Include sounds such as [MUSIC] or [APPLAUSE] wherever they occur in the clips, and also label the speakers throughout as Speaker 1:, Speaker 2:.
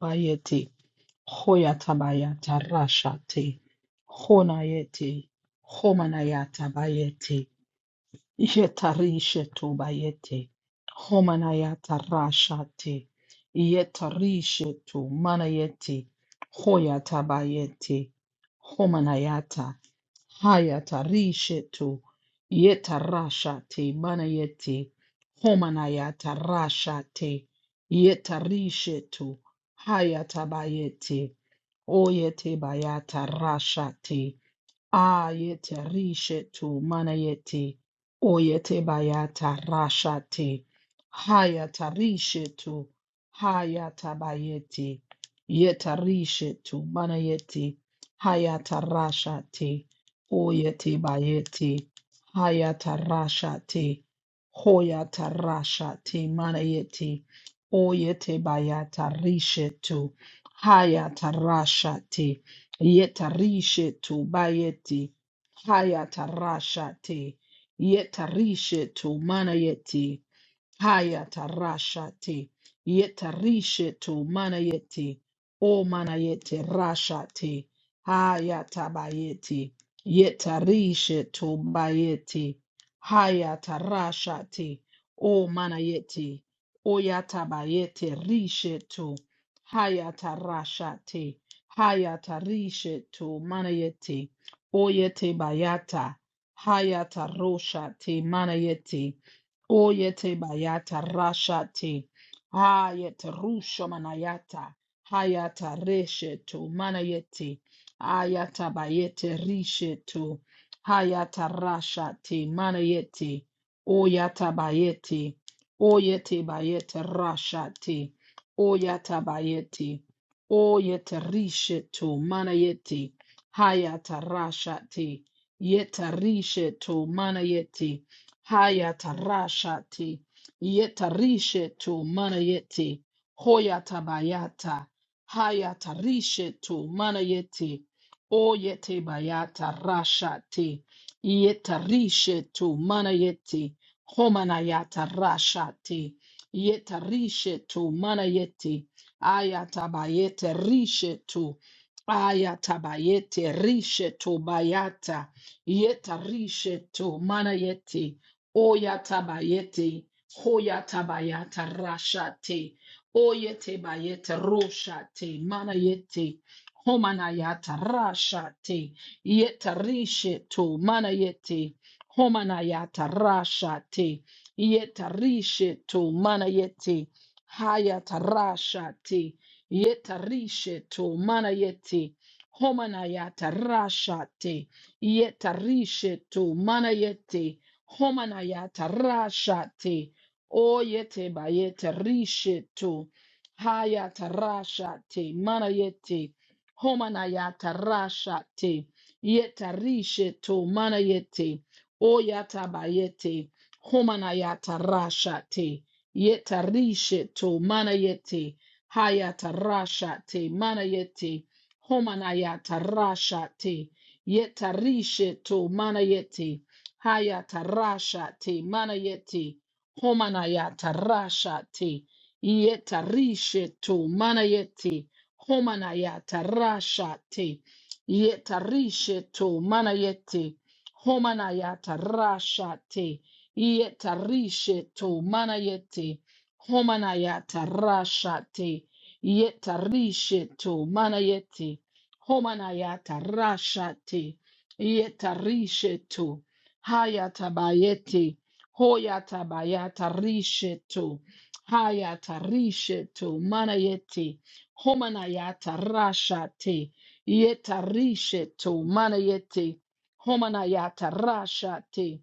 Speaker 1: Bayeti, Hoyatabayata Rashati, Honayeti, Homanayata Bayeti, Yetarishetu Bayeti, Homanayata Rashati, Yetarishetu Manayeti, Hoyatabayeti, Homanayata. Hayatarishetu yetarashate manayete homanayatarashate yetarishetu hayatabayete oyete bayatarashate Ayete rishetu manayeti oyete bayata rashate hayata rishetu hayata bayeti yeta rishetu manayeti hayata rashate oyete bayeti hayata rashate hoyata rashate manayeti oyete bayata rishetu hayata rashate Yetarishe tu bayeti. Hayatarasha te. Yetarishe tu manayeti. Haya tarashate yetarishe to manayete o manayete rashate haya tabayete yetarishe to bayete haya tarashate o manayete o yatabayete rishe to haya tarashate haya tarishe to manayete o yete bayata haya taroshate manayete Oyete bayata rashate. Hayete rusha manayata. Hayata resheto manayete. Ayata bayete risheto. Hayata rashate manayete. Oyata bayete. Oyete bayete rashate. Oyata bayete. Oyete risheto manayete. Hayata rashate. Yeta risheto manayete. Hayatarashati. Yetarishetu manayeti. Hoyatabayata. Hayatarishetu manayeti. Oyete bayata rashati. Yetarishetu manayeti. Homanayata rashati. Yetarishetu manayeti. Ayatabayete rishetu. Ayatabayete rishetu bayata. Yetarishetu manayeti. Oyatabayete, hoyatabayata rashate, oyetebayete roshate, manayete, homanayata rashate, yetarisheto, manayete, homanayata rashate, yetarisheto, manayete, hayata rashate, yetarisheto, manayete, homanayata rashate, yetarisheto, manayete, Homanayata rashate. Oyete bayete risheto. Hayata rashate. Manayete. Homanayata rashate. Yeta risheto. Manayete. Oyata bayete. Homanayata rashate. Yeta risheto. Manayete. Hayata rashate. Manayete. Homanayata rashate. Yeta risheto. Manayete. Hayata rasha te manayeti. Homanayata rasha te. Yeta rishe to manayeti. Homanayata rasha te. Yeta rishe to manayeti. Homanayata rasha te. Yeta rishe to manayeti. Homanayata rasha te. Yeta rishe to manayeti. Homanayata rasha te. Yeta rishe to. Hayatabayete. Hoyatabayata risheto. Hayata risheto. Manayete. Homanayata rashate. Yeta risheto. Manayete. Homanayata rashate.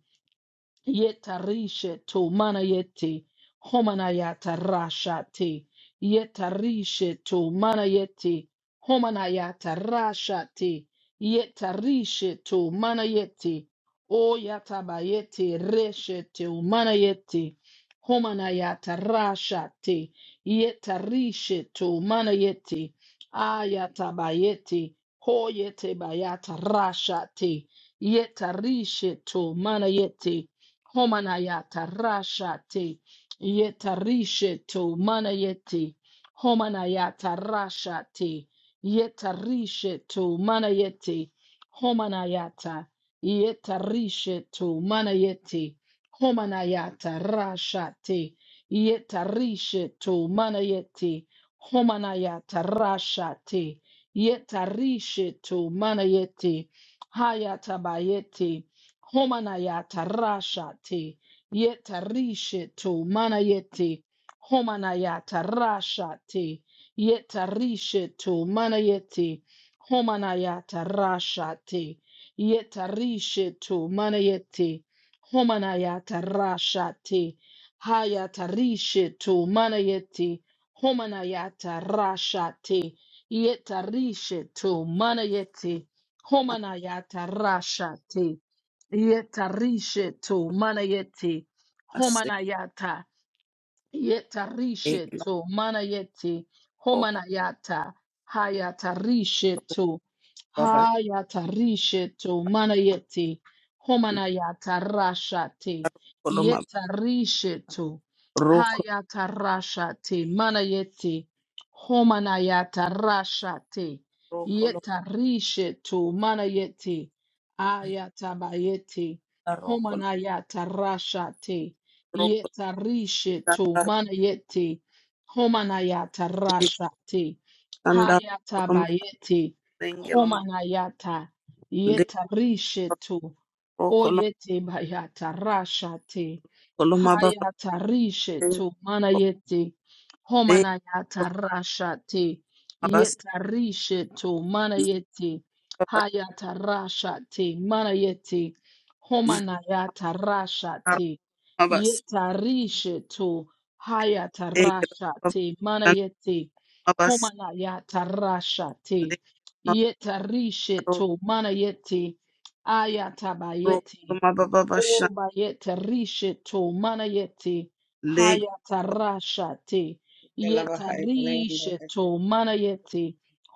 Speaker 1: Yetarishe to manayete homanayata rashate. Yetarishe to manayete homanayata rashate. Yetarishe to manayete oyatabayete reshete manayete homanayata rashate. Yetarishe to manayete ayatabayete hoyete bayata rashate. Yetarishe to manayete Homanayata rashate yetarishe to manayete. Homanayata rashate yetarishe to manayete. Homanayata yetarishe to manayete. Homanayata rashate yetarishe to manayete. Homanayata rashate yetarishe to manayete. Hayatabayete Homanayata rashate yetarisheto manayete homanayata rashate yetarisheto manayete homanayata rashate yetarisheto manayete homanayata rashate hayatarisheto manayete homanayata rashate yetarisheto manayete homanayata rashate Yetarishetu manayeti
Speaker 2: Amaseke
Speaker 1: homanayata Yetarishetu manayeti
Speaker 2: roko
Speaker 1: homanayata hayatarishetu
Speaker 2: babashin
Speaker 1: hayatarishetu manayeti homanayata rashate
Speaker 2: koloma
Speaker 1: yetarishetu
Speaker 2: roko
Speaker 1: hayatarashate manayeti homanayata rashate
Speaker 2: roko loma
Speaker 1: yetarishetu manayeti ayatabayeti
Speaker 2: roko
Speaker 1: homanayata rashate
Speaker 2: roko
Speaker 1: Yetarishe to
Speaker 2: standar
Speaker 1: manayete homanayata rashate
Speaker 2: standar
Speaker 1: hayata
Speaker 2: koloma
Speaker 1: bayete
Speaker 2: renge loma
Speaker 1: homanayata
Speaker 2: le
Speaker 1: yetarishe to
Speaker 2: roko loma
Speaker 1: Oyete bayata rashate.
Speaker 2: koloma baba
Speaker 1: Hayata rishe
Speaker 2: renge
Speaker 1: tu manayete.
Speaker 2: le
Speaker 1: Homanayata rashate.
Speaker 2: baba bas
Speaker 1: Yeta rishe tu
Speaker 2: le
Speaker 1: manayete.
Speaker 2: baba
Speaker 1: Hayata rashate manayete. Homanayata
Speaker 2: standar
Speaker 1: rashate.
Speaker 2: baba bas
Speaker 1: Yeta rishe tu hayata
Speaker 2: le baba
Speaker 1: rashate
Speaker 2: standar
Speaker 1: manayete.
Speaker 2: bas
Speaker 1: Homanayata
Speaker 2: le
Speaker 1: rashate.
Speaker 2: baba
Speaker 1: Yeta rishe tu manayete.
Speaker 2: roko
Speaker 1: Ayatabayeti.
Speaker 2: loma baba bas
Speaker 1: O bayete risheto manayeti.
Speaker 2: le
Speaker 1: Hayatarashate.
Speaker 3: Yeah.
Speaker 1: Yeta risheto manayeti.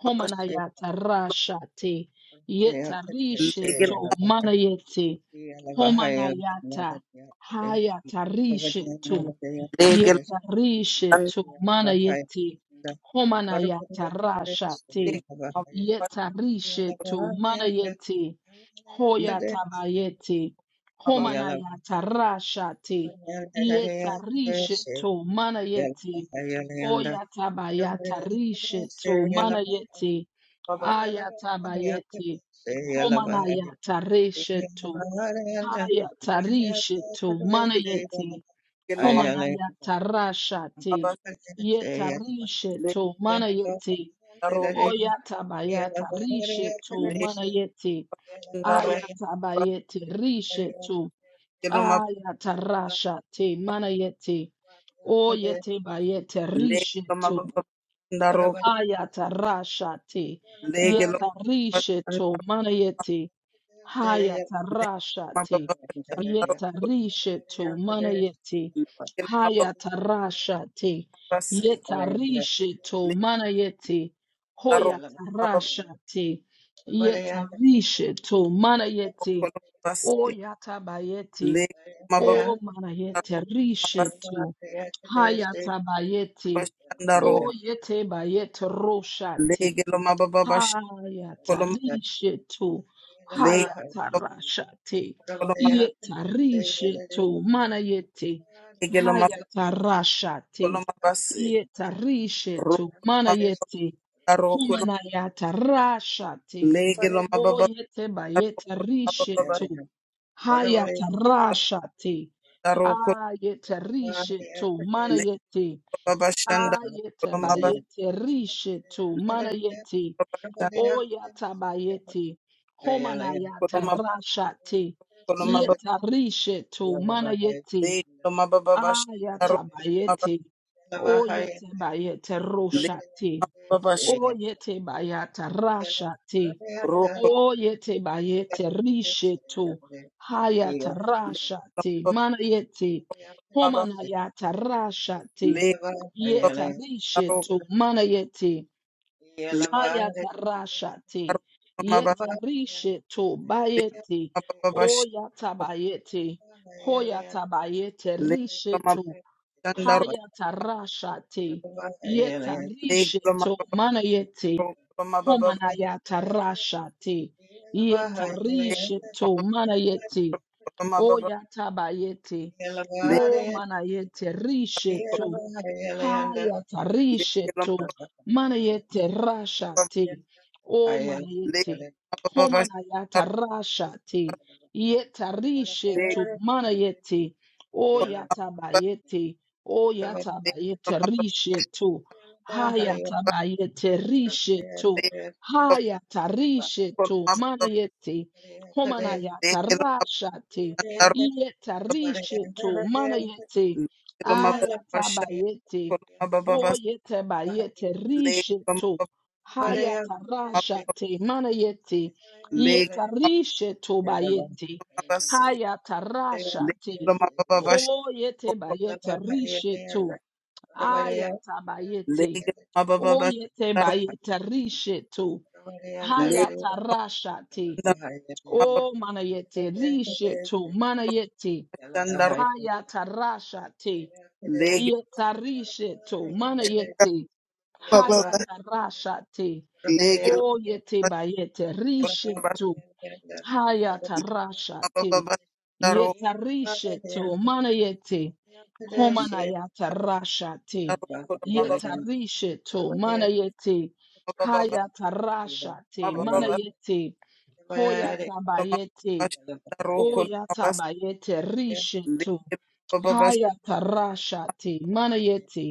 Speaker 2: baba
Speaker 1: Homanayatarashate. Yeta
Speaker 2: le le
Speaker 1: risheto manayeti. Homanayata. Hayatarisheto.
Speaker 2: standar
Speaker 1: Yetarishetu manayeti homanayata rashate.
Speaker 2: le
Speaker 1: Yetarishetu manayeti hoyatabayeti
Speaker 2: baba bas
Speaker 1: homanayata rashate. Yetarishetu manayeti oyatabayata rishetu manayeti
Speaker 3: What
Speaker 2: baba
Speaker 1: ayatabayeti homanayata reshetu. Haya tarishe tu mana yeti homana ya tarasha te
Speaker 2: bas
Speaker 1: ye tarishe
Speaker 2: le
Speaker 1: tu mana yeti
Speaker 2: Daroko
Speaker 1: oya tabaya tarishe tu
Speaker 2: lege
Speaker 1: mana yeti aya
Speaker 2: daroko
Speaker 1: tabayete rishe tu
Speaker 2: baskelo ma
Speaker 1: aya tarasha te mana yeti oye tebayete
Speaker 2: lege
Speaker 1: rishe
Speaker 2: lo ma
Speaker 1: tu
Speaker 2: baba daroko
Speaker 1: aya tarasha te ye
Speaker 2: lege lo ma
Speaker 1: tarishe tu
Speaker 2: daroko
Speaker 1: mana yeti
Speaker 3: about
Speaker 1: Haya
Speaker 2: lege lo ma
Speaker 1: tarashati.
Speaker 2: baba daroko
Speaker 1: Yetarishetu manayeti.
Speaker 2: lege lo
Speaker 1: Haya
Speaker 2: baba
Speaker 1: tarashati.
Speaker 2: bas
Speaker 1: Yetarishetu
Speaker 2: lege
Speaker 1: manayeti. Hoya
Speaker 2: daroko baba
Speaker 1: tarashati. Yetarishetu
Speaker 2: daroko
Speaker 1: manayeti.
Speaker 2: bas
Speaker 1: Oya tabayeti.
Speaker 2: lege ma baba
Speaker 1: O manayete
Speaker 2: daroko lo bas
Speaker 1: rishetu. Haya tabayeti.
Speaker 2: bas
Speaker 1: O
Speaker 2: daroko
Speaker 1: yete bayete
Speaker 2: lege lo baba bas
Speaker 1: Haya
Speaker 2: lo ma
Speaker 1: tarishe tu,
Speaker 2: lege
Speaker 1: haya
Speaker 2: lo
Speaker 1: tarashate, ye tarishe tu, mana yete,
Speaker 2: lege lo ma
Speaker 1: haya
Speaker 2: baba
Speaker 1: tarashate,
Speaker 2: bas
Speaker 1: ye
Speaker 3: Yeah.
Speaker 1: tarishe tu,
Speaker 2: roko
Speaker 1: mana yete,
Speaker 2: daroko
Speaker 1: humana ya tarashate,
Speaker 2: lege lo
Speaker 1: o
Speaker 2: baba
Speaker 1: yete ba ye
Speaker 2: daroko
Speaker 1: tarishe
Speaker 2: baba
Speaker 1: tu, haya tarashate, a ye tarishe tu, mana
Speaker 2: Le
Speaker 1: yete,
Speaker 2: baba
Speaker 1: a
Speaker 2: shanda
Speaker 1: yete ba
Speaker 2: koloma ba
Speaker 1: ye tarishe tu, mana yete,
Speaker 2: baba shanda
Speaker 1: Oyatabayeti, Homanayata
Speaker 2: koloma ba
Speaker 1: Rashati,
Speaker 2: koloma
Speaker 1: Yeta Rishetu,
Speaker 2: le
Speaker 1: Manayeti,
Speaker 2: koloma ba baba shanda koloma ba
Speaker 1: Ayatabayeti, Oyete Bayete
Speaker 2: le
Speaker 1: Roshati,
Speaker 2: koloma baba shanda
Speaker 1: Oyete Bayata Rashati,
Speaker 2: koloma
Speaker 1: Oyete Bayete Rishetu,
Speaker 3: Yeah. Yeah.
Speaker 1: Hayata
Speaker 2: le
Speaker 1: Rashati,
Speaker 2: koloma
Speaker 1: Manayeti, Homanayata Rashati,
Speaker 2: le koloma
Speaker 1: Yeta
Speaker 2: ro
Speaker 1: Rishetu, Manayeti,
Speaker 2: le
Speaker 1: Hayatarashati.
Speaker 2: koloma ba
Speaker 1: Yetarisheto
Speaker 2: le
Speaker 1: bayeti.
Speaker 2: koloma baba shanda le koloma
Speaker 1: Oyatabayeti. Hoyatabayete risheto. Hayatarashati.
Speaker 2: le koloma
Speaker 1: Yetarisheto
Speaker 2: baba
Speaker 1: manayeti.
Speaker 2: ro koloma baba
Speaker 1: Homanayatarashati.
Speaker 2: le
Speaker 1: Yetarisheto manayeti.
Speaker 2: koloma baba
Speaker 1: Oyatabayeti.
Speaker 2: le
Speaker 1: Homanayete risheto. Haya
Speaker 2: le
Speaker 1: tarishe
Speaker 2: koloma
Speaker 1: tu
Speaker 2: baba
Speaker 1: manayete rasha te o
Speaker 2: le
Speaker 1: manayete
Speaker 2: koloma baba shanda
Speaker 1: homanayata rasha te yetarishe
Speaker 2: le
Speaker 1: tu manayete o
Speaker 3: Yeah.
Speaker 2: koloma
Speaker 1: yatabayete o
Speaker 2: le
Speaker 1: yatabayete
Speaker 2: koloma baba
Speaker 1: rishe tu haya tabayete rishe tu
Speaker 2: Lego
Speaker 1: haya tarishe tu manayete homanayata rasha te yetarishe tu manayete Ayatabayete. Oyetabayete. Risheto. Hayatarashate. Manayete. Yetarisheto bayete. Hayatarashate.
Speaker 3: Yeah.
Speaker 1: Oyetabayete. Risheto. Ayatabayete. Oyetabayete. Risheto. Hayatarashate. O manayete. Risheto. Manayete. Hayatarashate. Yetarisheto, mana yete, hayatarashate, o yete bayete, risheto, hayatarashate, yetarisheto, mana yete, homanayatarashate, yetarisheto, mana yete, hayatarashate, mana yete, hoyatabayete, O yatabayete rishetu. Hayatarashate manayete.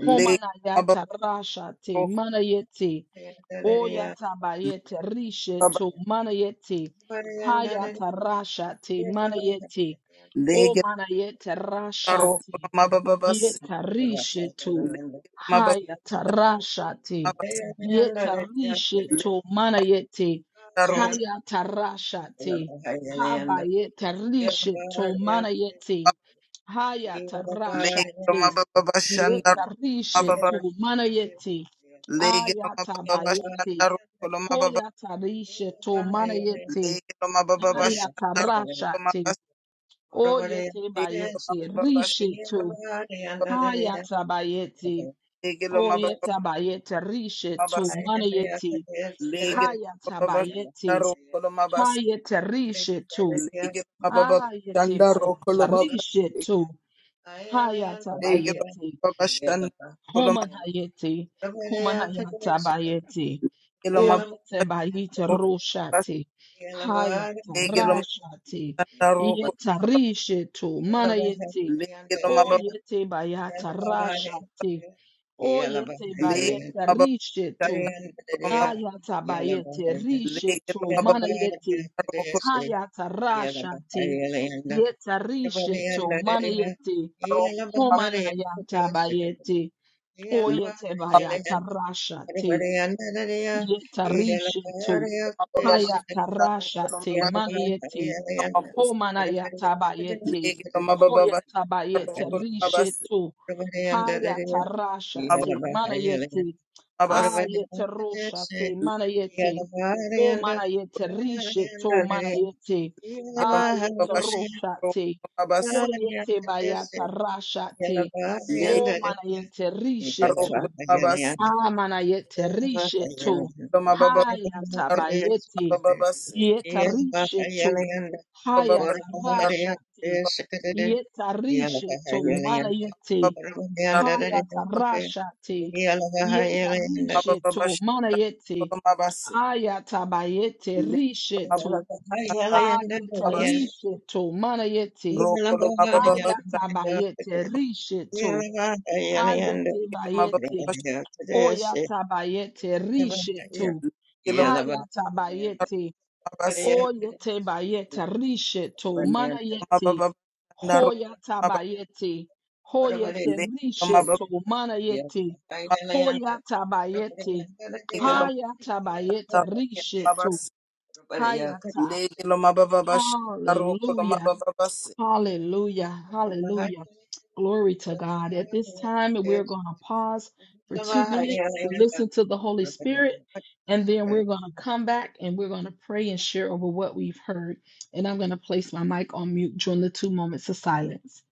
Speaker 2: Leg,
Speaker 1: Homanayatarashate
Speaker 2: mabababoko,
Speaker 1: manayete. O yatabayete
Speaker 2: lebaba,
Speaker 1: rishetu manayete. Hayatarashate manayete. O
Speaker 2: lege
Speaker 1: manayete rashate
Speaker 2: taroko mabababas,
Speaker 1: yetarishe tu
Speaker 2: Leg,
Speaker 1: haya tarashati
Speaker 2: mabababas,
Speaker 1: yetarishe
Speaker 2: lege
Speaker 1: tu mana yete
Speaker 2: taroko
Speaker 1: haya tarashati haba yetarishe tu mana yete
Speaker 2: mab-
Speaker 1: haya
Speaker 2: lege
Speaker 3: Yeah.
Speaker 1: tarashati
Speaker 2: mabababashandaro
Speaker 1: yetarishe
Speaker 2: mababa,
Speaker 1: tu mana yete
Speaker 2: lege
Speaker 1: aya tabayete
Speaker 2: mabababashandaro kolo mababa,
Speaker 1: hoya tarishe tu mana yete
Speaker 2: Leg,
Speaker 1: haya
Speaker 2: mabababashandaro kolo
Speaker 1: tarashati
Speaker 2: mabas,
Speaker 1: o yete
Speaker 2: lege
Speaker 1: bayete
Speaker 2: mabababas,
Speaker 1: rishe tu Hayatabayeti.
Speaker 2: Leg,
Speaker 1: Oyetabayete rishe tu
Speaker 2: mabababas,
Speaker 1: manayeti.
Speaker 2: lege
Speaker 1: Hayatabayeti.
Speaker 2: mabababashandaro kolo mabas,
Speaker 1: Hayete rishe tu.
Speaker 2: Leg,
Speaker 1: Hayete
Speaker 2: mabababashandaro
Speaker 1: bayata
Speaker 2: kolo mabas,
Speaker 1: rishe tu.
Speaker 2: lege
Speaker 1: Hayatabayeti.
Speaker 2: mabababashandaro
Speaker 1: Homan hayeti, homan hayata bayeti,
Speaker 2: Legelo
Speaker 3: Yeah.
Speaker 1: oyete
Speaker 2: maboko
Speaker 1: bayete roshati,
Speaker 3: Yeah.
Speaker 1: hayata
Speaker 2: legelo
Speaker 1: rashati,
Speaker 2: maboko roko
Speaker 1: yeta rishetu, manayeti,
Speaker 2: legelo maboko
Speaker 1: oyete bayata rashati, oyete
Speaker 2: legelo
Speaker 1: bayete
Speaker 2: maboko
Speaker 1: rishetu,
Speaker 2: maboko
Speaker 1: ayata bayete rishetu,
Speaker 2: legelo maboko
Speaker 1: manayeti, hayata rashati, yeta rishetu, manayeti,
Speaker 2: roko roko
Speaker 1: homan hayata bayeti, Oyetebaya tarasha te yetarisha to
Speaker 2: maboko maboko
Speaker 1: haya tarasha
Speaker 2: roko
Speaker 1: te manayete
Speaker 2: maboko
Speaker 1: homanaya tabayete
Speaker 2: legelo maboko roko maboko maboko maboko legelo maboko roko maboko legelo roko maboko
Speaker 1: hoya
Speaker 2: maboko maboko
Speaker 1: tabayete
Speaker 2: maboko legelo
Speaker 3: Bahaya,
Speaker 1: rishe to
Speaker 3: Purabaya
Speaker 1: haya
Speaker 3: Dadaya,
Speaker 1: tarasha te
Speaker 3: Yalabahaya,
Speaker 1: manayete
Speaker 3: Purabaya
Speaker 1: ayete rosha
Speaker 3: Dadashe,
Speaker 1: te manayete o
Speaker 3: Yalabahaya
Speaker 1: manayete
Speaker 3: Dadaya,
Speaker 1: rishe to manayete
Speaker 3: Yalabahaya
Speaker 1: ayete
Speaker 3: Dadaya
Speaker 1: rosha te
Speaker 3: Dadashe, Yalabahaya Dadaya, Yalabahaya Yalabahaya
Speaker 1: hoyete baya tarasha te o manayete rishe to Amana yete rishe tu. Haya
Speaker 3: Purabaya
Speaker 1: tabayeti.
Speaker 3: Dadashe,
Speaker 1: Yeta rishe tu.
Speaker 3: Yalabahaya
Speaker 1: Haya
Speaker 3: Yeah.
Speaker 1: tarasha te. Yeta rishe tu. Mana yete.
Speaker 2: maboko
Speaker 1: Haya tarasha te. Yeta
Speaker 2: Hello,
Speaker 1: rishe tu. Mana yete. Haya tabayete rishe tu. ayete rishe tu. Mana yete. Haya tabayete rishe tu. Ayete bayete. Oyatabayete rishetu. Hayatabayete. Oyetebayete rishetu. Manayete. Hoyatabayete. Hoyete rishetu. Manayete. Hoyatabayete. Hayatabayete rishetu. Hayata. Hallelujah.
Speaker 3: I
Speaker 1: Hallelujah. Hallelujah. Glory to God. At this time, we're going to pause for two minutes to listen to the Holy Spirit, and then we're going to come back and we're going to pray and share over what we've heard. And I'm going to place my mic on mute during the two moments of silence.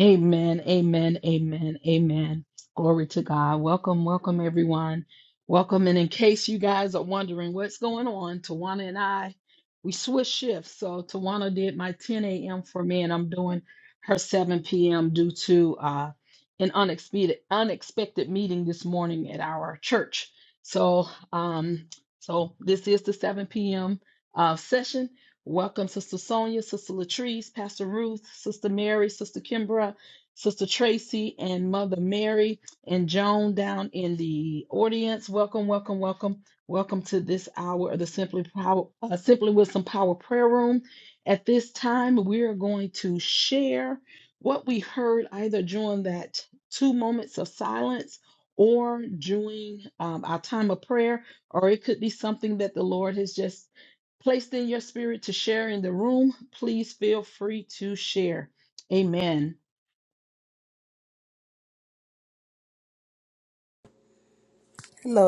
Speaker 1: Amen, amen, amen, amen. Glory to God. Welcome, welcome, everyone. Welcome. And in case you guys are wondering what's going on, Tawana and I, we switched shifts. So Tawana did my 10 a.m. for me, and I'm doing her 7 p.m. due to uh, an unexpected unexpected meeting this morning at our church. So, um, so this is the 7 p.m. Uh, session. Welcome, Sister Sonia, Sister Latrice, Pastor Ruth, Sister Mary, Sister Kimbra, Sister Tracy, and Mother Mary and Joan down in the audience. Welcome, welcome, welcome, welcome to this hour of the Simply Power, uh, Simply with Some Power Prayer Room. At this time, we are going to share what we heard either during that two moments of silence or during um, our time of prayer, or it could be something that the Lord has just placed in your spirit to share in the room, please feel free to share. Amen.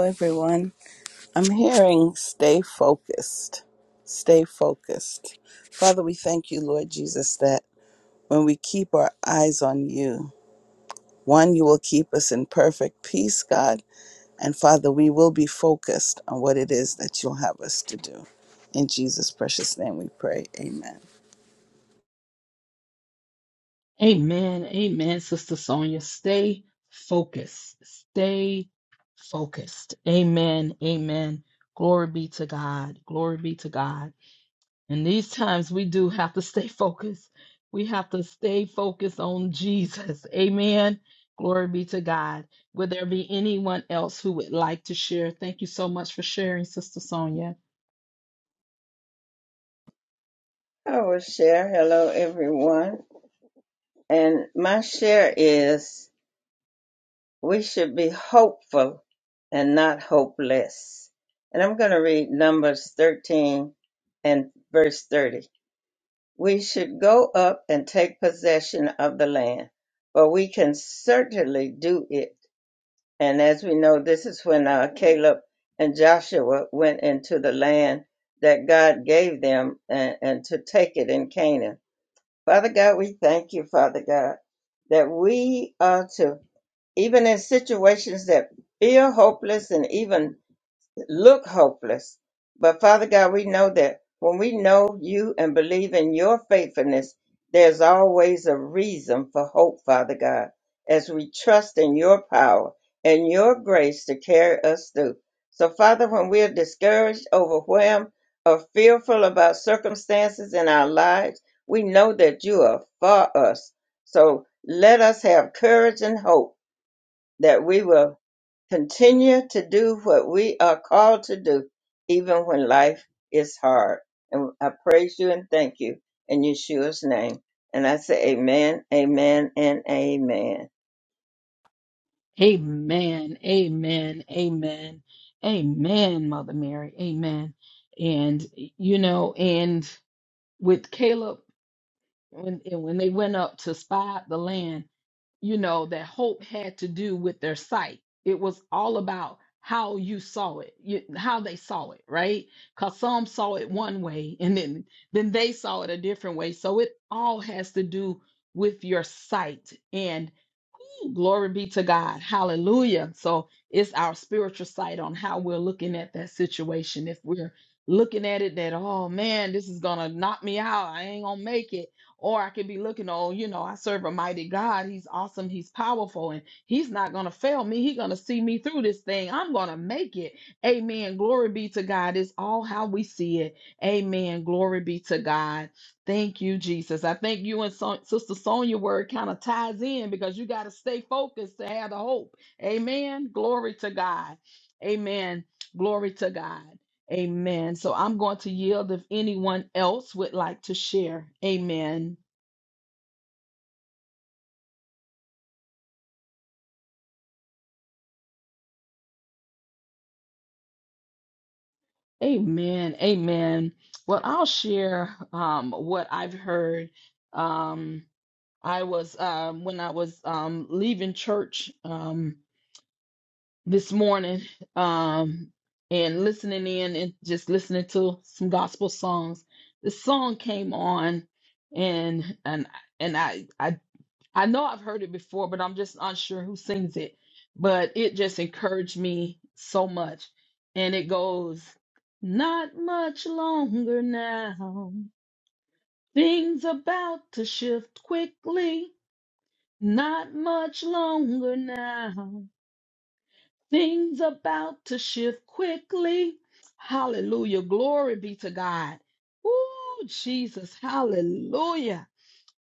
Speaker 2: everyone. I'm hearing stay focused. Stay focused. Father, we thank you, Lord Jesus, that when we keep our eyes on you, One, you will keep us in perfect peace, God. And Father, we will be focused on what it is that you'll have us to do. In Jesus' precious name we pray. Amen.
Speaker 1: Amen. Amen. Sister Sonia, stay focused. Stay focused. Amen. Amen. Glory be to God. Glory be to God. In these times, we do have to stay [LAUGHS] focused. We have to stay focused on Jesus. Amen. Glory be to God. Will there be anyone else who would like to share? Thank you so much for sharing, Sister Sonia.
Speaker 3: will share. Hello, everyone. And my share is we should be hopeful and not hopeless. And I'm going to read Numbers 13 and verse 30. We should go up and take possession of the land, but we can certainly do it. And as we know, this is when uh, Caleb and Joshua went into the land that God gave them and, and to take it in Canaan. Father God, we thank you, Father God, that we are to, even in situations that feel hopeless and even look hopeless. But Father God, we know that when we know you and believe in your faithfulness, there's always a reason for hope, Father God, as we trust in your power and your grace to carry us through. So, Father, when we're discouraged, overwhelmed, or fearful about circumstances in our lives, we know that you are for us. So let us have courage and hope that we will continue to do what we are called to do, even when life is hard. And I praise you and thank you in Yeshua's name. And I say amen, amen, and amen.
Speaker 1: Amen. Amen. Amen. Amen, Mother Mary. Amen. And you know, and with Caleb, when and when they went up to spy out the land, you know, that hope had to do with their sight. It was all about how you saw it, you, how they saw it, right? Because some saw it one way and then, then they saw it a different way. So it all has to do with your sight. And whew, glory be to God. Hallelujah. So it's our spiritual sight on how we're looking at that situation. If we're looking at it that, oh man, this is going to knock me out, I ain't going to make it or I could be looking on, you know, I serve a mighty God. He's awesome. He's powerful and he's not going to fail me. He's going to see me through this thing. I'm going to make it. Amen. Glory be to God. It's all how we see it. Amen. Glory be to God. Thank you, Jesus. I think you and Son- Sister Sonia word kind of ties in because you got to stay focused to have the hope. Amen. Glory to God. Amen. Glory to God. Amen. So I'm going to yield if anyone else would like to share. Amen. Amen. Amen. Well, I'll share um, what I've heard. Um, I was um, when I was um, leaving church um, this morning um, and listening in and just listening to some gospel songs. The song came on, and and and I I I know I've heard it before, but I'm just unsure who sings it. But it just encouraged me so much. And it goes, Not much longer now. Things about to shift quickly. Not much longer now. Things about to shift quickly. Hallelujah. Glory be to God. Ooh, Jesus. Hallelujah.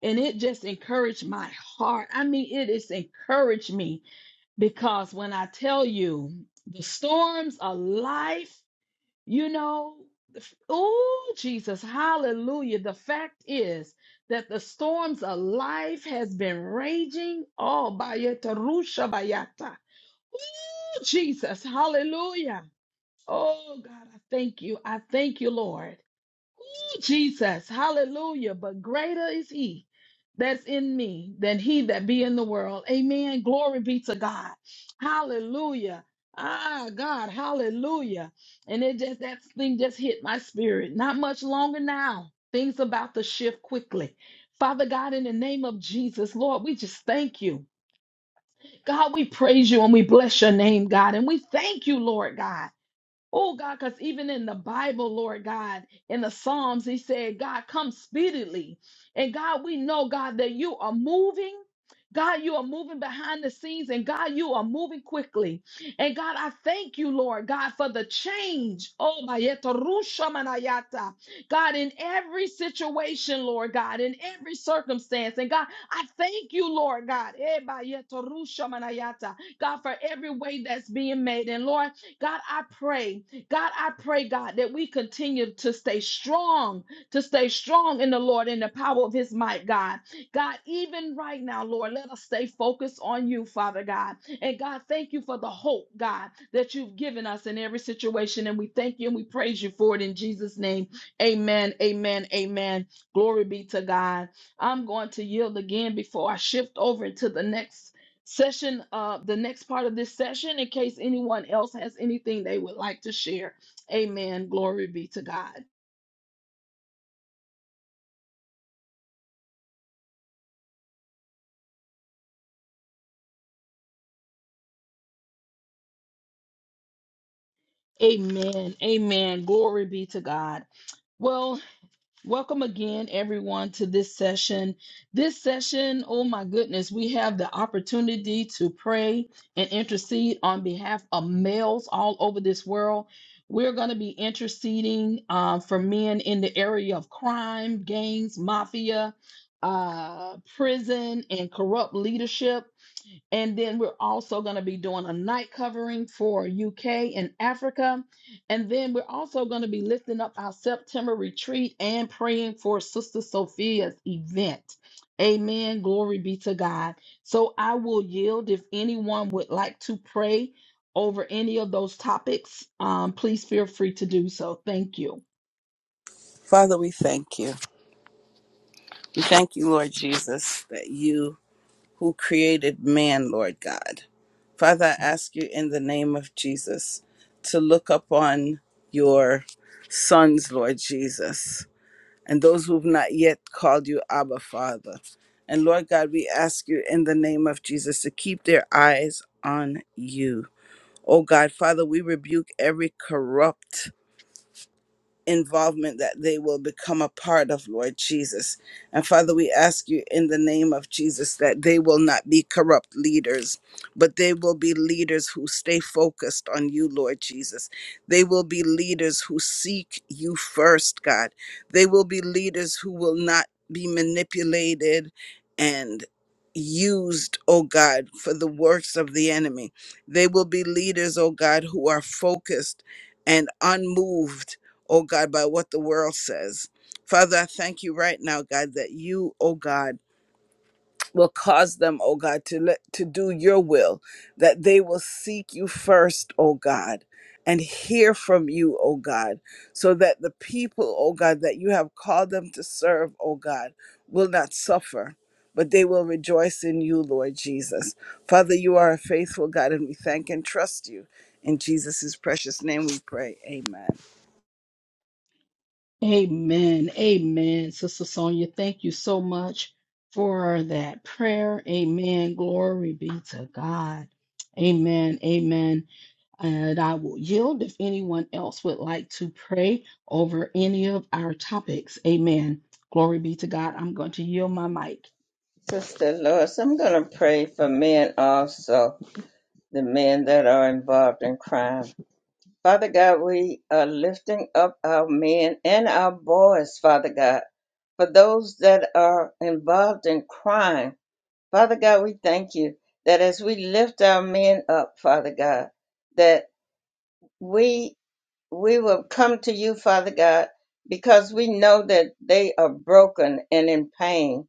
Speaker 1: And it just encouraged my heart. I mean, it has encouraged me Because when I tell you the storms of life, you know, oh, Jesus, hallelujah. The fact is that the storms of life has been raging all by Yetarusha Bayata. Ooh, Jesus, hallelujah. Oh, God, I thank you. I thank you, Lord. Jesus, hallelujah. But greater is he that's in me than he that be in the world. Amen. Glory be to God. Hallelujah. Ah, God, hallelujah. And it just, that thing just hit my spirit. Not much longer now. Things about to shift quickly. Father God, in the name of Jesus, Lord, we just thank you. God, we praise you and we bless your name, God. And we thank you, Lord God. Oh God, because even in the Bible, Lord God, in the Psalms, he said, God, come speedily. And God, we know, God, that you are moving. God, you are moving behind the scenes, and God, you are moving quickly. And God, I thank you, Lord God, for the change. Oh, my yeto rusha manayata. God, in every situation, Lord God, in every circumstance. And God, I thank you, Lord God, Eh, my yeto rusha manayata. God, for every way that's being made. And Lord, God, I pray. God, I pray, God, that we continue to stay strong, to stay strong in the Lord in the power of his might, God. God, even right now, Lord, let us stay focused on you, Father God. And God, thank you for the hope, God, that you've given us in every situation. And we thank you and we praise you for it in Jesus' name. Amen. Amen. Amen. Glory be to God. I'm going to yield again before I shift over to the next session uh the next part of this session in case anyone else has anything they would like to share amen glory be to god amen amen glory be to god well Welcome again, everyone, to this session. This session, oh my goodness, we have the opportunity to pray and intercede on behalf of males all over this world. We're going to be interceding uh, for men in the area of crime, gangs, mafia, uh, prison, and corrupt leadership. And then we're also going to be doing a night covering for UK and Africa. And then we're also going to be lifting up our September retreat and praying for Sister Sophia's event. Amen. Glory be to God. So I will yield if anyone would like to pray over any of those topics. Um, please feel free to do so. Thank you.
Speaker 2: Father, we thank you. We thank you, Lord Jesus, that you who created man, Lord God. Father, I ask you in the name of Jesus to look upon your sons, Lord Jesus. and those who've not yet called you Abba Father. And Lord God, we ask you in the name of Jesus to keep their eyes on you. Oh God, Father, we rebuke every corrupt involvement that they will become a part of, Lord Jesus. And Father, we ask you in the name of Jesus that they will not be corrupt leaders, but they will be leaders who stay focused on you, Lord Jesus. They will be leaders who seek you first, God. They will be leaders who will not be manipulated and Used, oh God, for the works of the enemy. They will be leaders, oh God, who are focused and unmoved oh God, by what the world says. Father, I thank you right now, God, that you, oh God, will cause them, oh God, to let to do your will, that they will seek you first, oh God, and hear from you, oh God, so that the people, oh God, that you have called them to serve, oh God, will not suffer. But they will rejoice in you, Lord Jesus. Father, you are a faithful God, and we thank and trust you. In Jesus' precious name we pray. Amen.
Speaker 1: Amen. Amen. Sister Sonia, thank you so much for that prayer. Amen. Glory be to God. Amen. Amen. And I will yield if anyone else would like to pray over any of our topics. Amen. Glory be to God. I'm going to yield my mic.
Speaker 3: Sister Lois, I'm going to pray for men also, the men that are involved in crime. Father God, we are lifting up our men and our boys, Father God, for those that are involved in crime. Father God, we thank you that as we lift our men up, Father God, that we we will come to you, Father God, because we know that they are broken and in pain.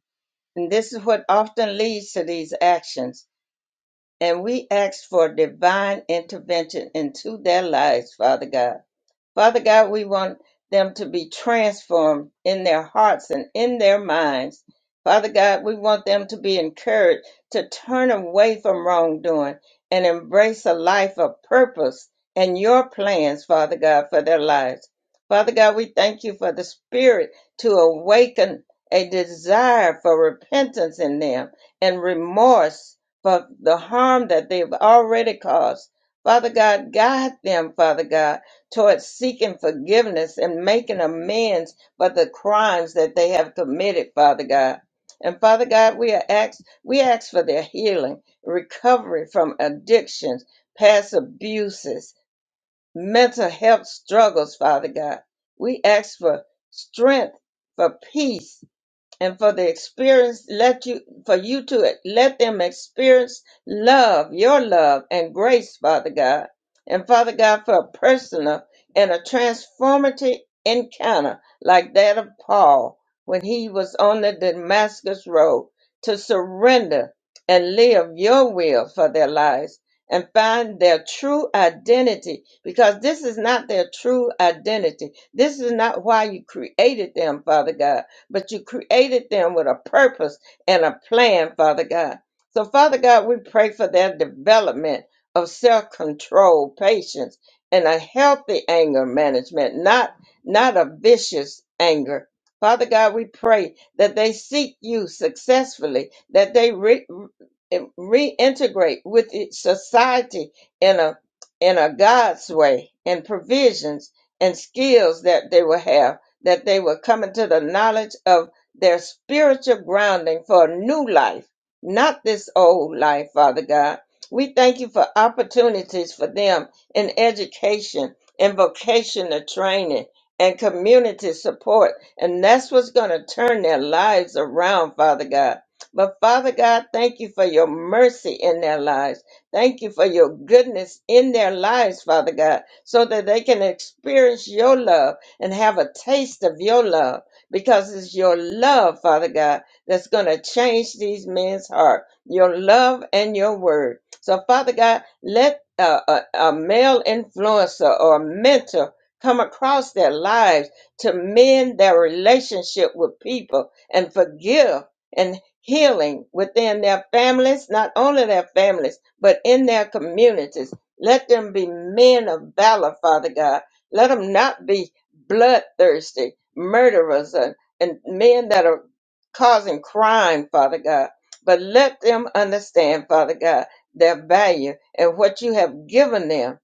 Speaker 3: And this is what often leads to these actions. And we ask for divine intervention into their lives, Father God Father God, we want them to be transformed in their hearts and in their minds. Father God, we want them to be encouraged to turn away from wrongdoing and embrace a life of purpose and your plans, Father God, for their lives. Father God, we thank you for the Spirit to awaken a desire for repentance in them and remorse for the harm that they've already caused. Father God, guide them, Father God towards seeking forgiveness and making amends for the crimes that they have committed, Father God. And Father God, we are ask, we ask for their healing, recovery from addictions, past abuses, mental health struggles, Father God. We ask for strength, for peace, and for the experience let you for you to let them experience love your love and grace father god and father god for a personal and a transformative encounter like that of paul when he was on the damascus road to surrender and live your will for their lives and find their true identity because this is not their true identity. This is not why you created them, Father God but you created them with a purpose and a plan, Father God. So, Father God, we pray for their development of self control, patience, and a healthy anger management, not, not a vicious anger. Father God, we pray that they seek you successfully, that they re- re- reintegrate with it- society in a in a God's way and provisions and skills that they will have that they were coming to the knowledge of their spiritual grounding for a new life, not this old life, Father God. We thank you for opportunities for them in education and vocational training and community support. And that's what's going to turn their lives around, Father God. But Father God, thank you for your mercy in their lives. Thank you for your goodness in their lives, Father God, so that they can experience your love and have a taste of your love because it's your love, Father God, that's going to change these men's heart. Your love and your word. So, Father God, let a, a, a male influencer or a mentor come across their lives to mend their relationship with people and forgive and healing within their families, not only their families, but in their communities. Let them be men of valor, Father God. Let them not be bloodthirsty murderers and, and men that are causing crime, Father God. But let them understand, Father God, their value and what you have given them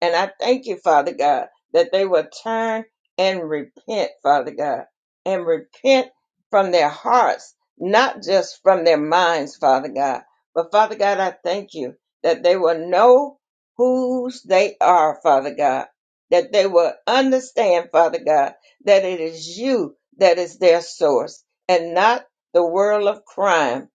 Speaker 3: and I thank you, Father God, that they will turn and repent, Father God, and repent from their hearts, not just from their minds, Father God. But Father God, I thank you that they will know whose they are, Father God, that they will understand, Father God, that it is you that is their source and not the world of crime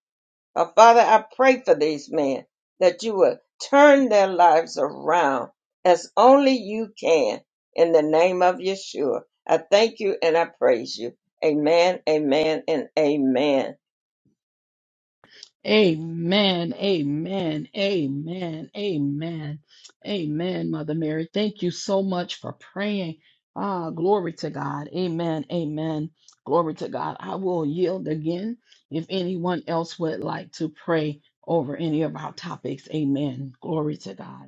Speaker 3: uh, Father, I pray for these men that you will turn their lives around as only you can in the name of Yeshua. I thank you and I praise you. Amen, amen, and amen.
Speaker 1: Amen. Amen. Amen. Amen. Amen, Mother Mary. Thank you so much for praying. Ah, glory to God. Amen. Amen. Glory to God. I will yield again if anyone else would like to pray over any of our topics. Amen. Glory to God.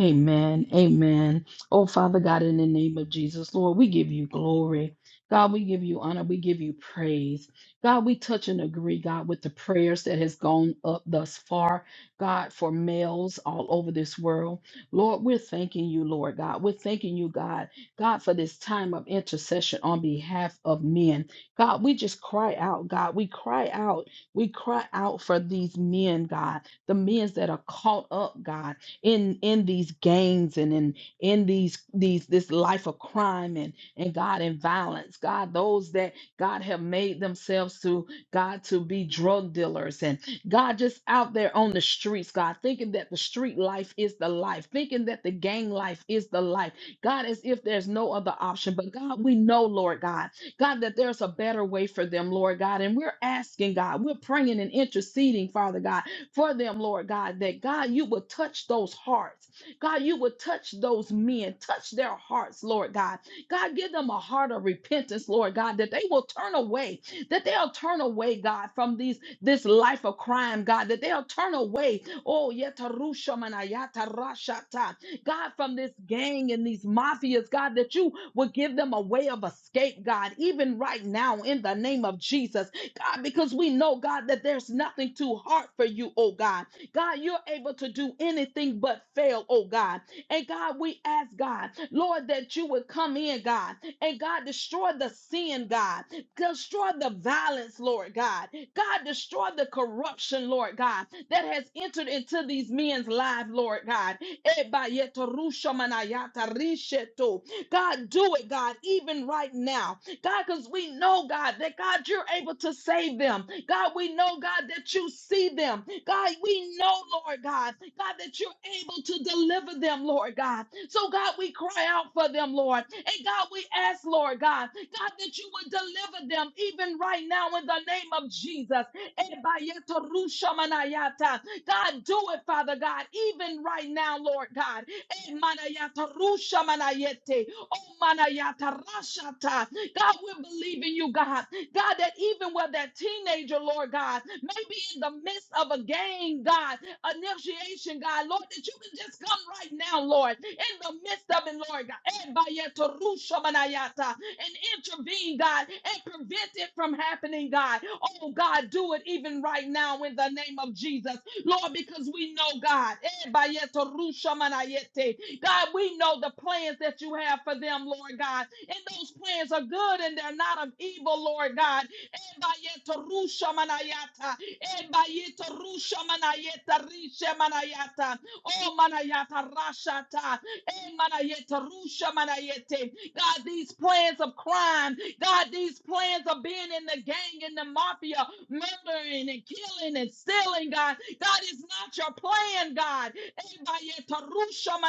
Speaker 1: Amen. Amen. Oh, Father God, in the name of Jesus, Lord, we give you glory. God, we give you honor. We give you praise. God, we touch and agree, God, with the prayers that has gone up thus far, God, for males all over this world. Lord, we're thanking you, Lord God. We're thanking you, God, God, for this time of intercession on behalf of men. God, we just cry out, God. We cry out. We cry out for these men, God, the men that are caught up, God in in these gangs and in in these these this life of crime and and God and violence. God, those that God have made themselves to God to be drug dealers and God just out there on the streets, God, thinking that the street life is the life, thinking that the gang life is the life. God, as if there's no other option. But God, we know, Lord God, God, that there's a better way for them, Lord God. And we're asking, God, we're praying and interceding, Father God, for them, Lord God, that God, you would touch those hearts. God, you would touch those men, touch their hearts, Lord God. God, give them a heart of repentance, Lord God, that they will turn away, that they'll turn away, God, from these this life of crime, God, that they'll turn away. Oh, yetarushamanaya-tarashata, God, from this gang and these mafias, God, that you would give them a way of escape, God, even right now in the name of Jesus. God, because we know, God, that there's nothing too hard for you, oh God. God, you're able to do anything but fail, oh God. And God, we ask, God, Lord, that you would come in, God, and God, destroy the sin, God, destroy the violence, Lord God. God, destroy the corruption, Lord God, that has entered into these men's lives, Lord God. Eba yeto rusha manayata risheto. God, do it, God, even right now. God, because we know, God, that God, you're able to save them. God, we know, God, that you see them. God, we know, Lord God, God, that you're able to deliver them, Lord God. So, God, we cry out for them, Lord. And God, we ask, Lord God, God, that you would deliver them even right now in the name of Jesus. Ebayetorushamanayata. God, do it, Father God, even right now, Lord God. Emanayata rushamanayete. Oh, manayata rashata. God, we believe in you, God. God, that even where that teenager, Lord God, maybe in the midst of a game, God, initiation, God, Lord, that you can just come right now, Lord, in the midst of it, Lord God, and bayeta rusha manayata, and intervene, God, and prevent it from happening, God. Oh, God, do it even right now in the name of Jesus, Lord, because we know, God, eh, bayeta rusha manayete, God, we know the plans that you have for them, Lord God. And those plans are good and they're not of evil, Lord God. Ebayetarushamanayata, ebayetarushamanayetarishemanayata, Oh, manayata rashata. emanayetarishemanayete. God, these plans of crime, God, these plans of being in the gang, in the mafia, murdering and killing and stealing, God, that is not your plan, God. Ebayeta rusha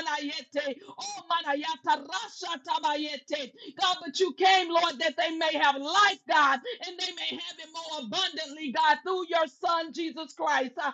Speaker 1: God, but you came, Lord, that they may have life, God, and they may have it more abundantly, God, through your Son, Jesus Christ. Uh,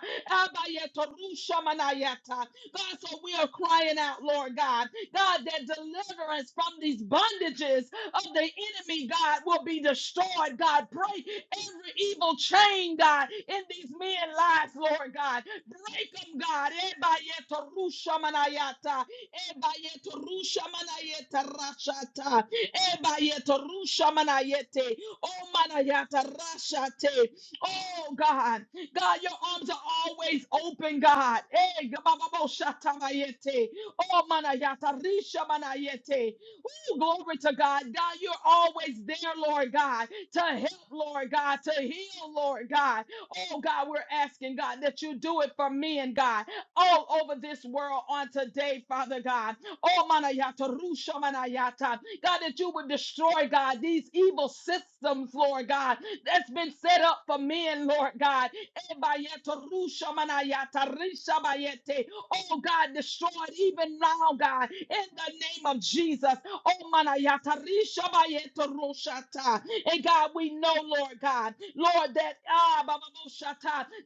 Speaker 1: God, so we are crying out, Lord God, God, that deliverance from these bondages of the enemy, God, will be destroyed, God. Break every evil chain, God, in these men's lives, Lord God. Break them, God. Ebayetorushamanayata, ebayetorushamanayetarashata, ebayetorushamanayete, Oh, manayata rashate. Oh, God. God, your arms are always open, God. Eh, gabababosatamayete. Oh, manayata rishamanayete. Ooh, glory to God. God, you're always there, Lord God, to help, Lord God, to heal, Lord God. Oh, God, we're asking, God, that you do it for me and God, all over this world on today, Father God. Oh, manayata, rusha manayata. God, that you would destroy, God, these evil systems, Lord God, that's been set up for men, Lord God. Ebayeta, rusha manayata, risha bayete. Oh, God, destroy it even now, God, in the name of Jesus. Oh, manayata risha bayeta roshata. And God, we know, Lord God, Lord, that ah, ba,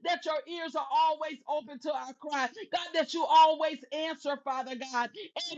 Speaker 1: that your ears are always open to our cry. God, that you always answer, Father God. Eh,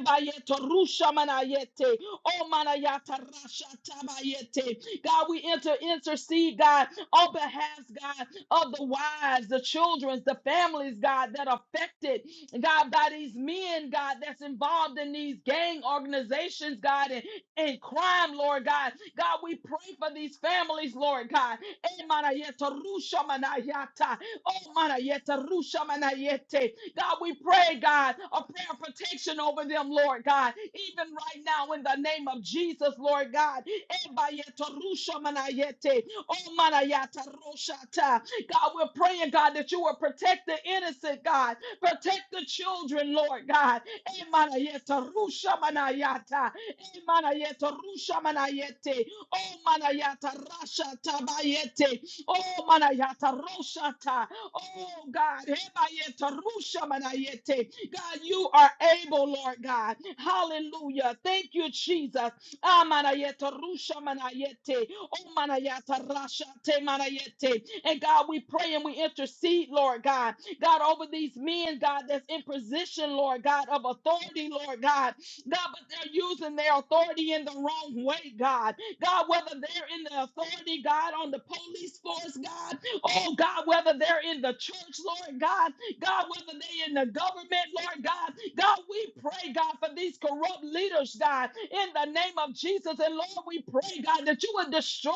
Speaker 1: rusha manayete. Oh, manayata rasha tabayete. God, we enter intercede, God, on behalf, God, of the wives, the children, the families, God, that are affected, God, by these men, God, that's involved in these gang organizations, God, and, and crime, Lord God. God, we pray for these families, Lord God. Eh, manayeta, rusha manayata. Oh, manayeta, rusha manayete. God, we pray, God, a prayer of protection over them, Lord God, even right now in the name of Jesus, Lord God. Eh, bayeta, rusha manayete. Oh, manayata, roshata. God, we're praying, God, that you will protect the innocent, God. Protect the children, Lord God. Emanayeta rusha manayata. Emanayeta rusha manayete. Oh manayata rasha tabayete. Oh manayata roshata. Oh God. Emayeta rusha manayete. God, you are able, Lord God. Hallelujah. Thank you, Jesus. Ah, manayeta rusha manayete. Oh, manayata rasha te manayete. And God, we pray and we intercede, Lord God. God, over these men, God, that's in position, Lord God, of authority, Lord God. God, but they're using their authority in the wrong way, God. God, whether they're in the authority, God, on the police force, God. Oh, God, whether they're in the church, Lord God. God, whether they in the government, Lord God, God, we pray, God, for these corrupt leaders, God, in the name of Jesus. And Lord, we pray, God, that you would destroy,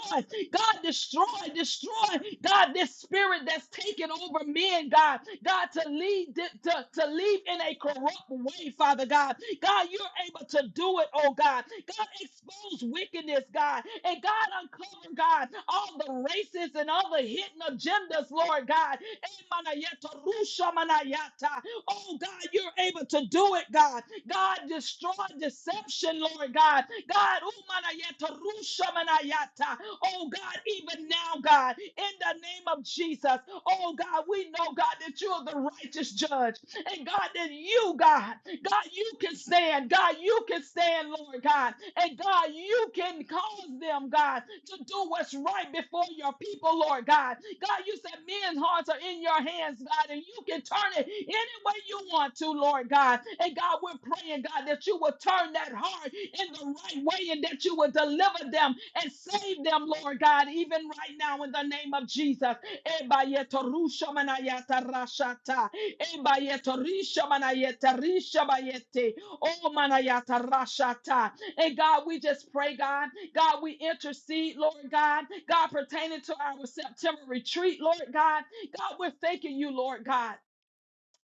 Speaker 1: God, destroy, destroy, God, this spirit that's taken over men, God, God, to lead leave, to, to leave in a corrupt way, Father God. God, you're able to do it, oh God. God, expose wickedness, God. And God, uncover, God, all the racists and all the hidden agendas, Lord God. Oh God, you're able to do it, God. God, destroy deception, Lord God. God, umanayata rushamanayata. oh God, even now, God, in the name of Jesus, oh God, we know, God, that you're the righteous judge. And God, that you, God, God, you can stand. God, you can stand, Lord God. And God, you can cause them, God, to do what's right before your people, Lord God. God, you said men's hearts are in your hands, God, and you can turn it any way you want to, Lord God. And God, we're praying, God, that you will turn that heart in the right way and that you will deliver them and save them, Lord God, even right now in the name of Jesus. Ebayeto rusha manayata rashata. Ebayeto risha manayeta risha bayete. Oh manayata rashata. And God, we just pray, God. God, we intercede, Lord God. God, pertaining to our September retreat, Lord God. God, we're thanking you, Lord God.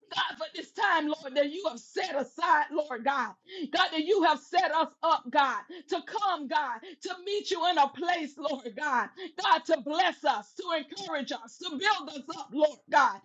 Speaker 1: God, for this time, Lord, that you have set aside, Lord God. God, that you have set us up, God, to come, God, to meet you in a place, Lord God. God, to bless us, to encourage us, to build us up, Lord God.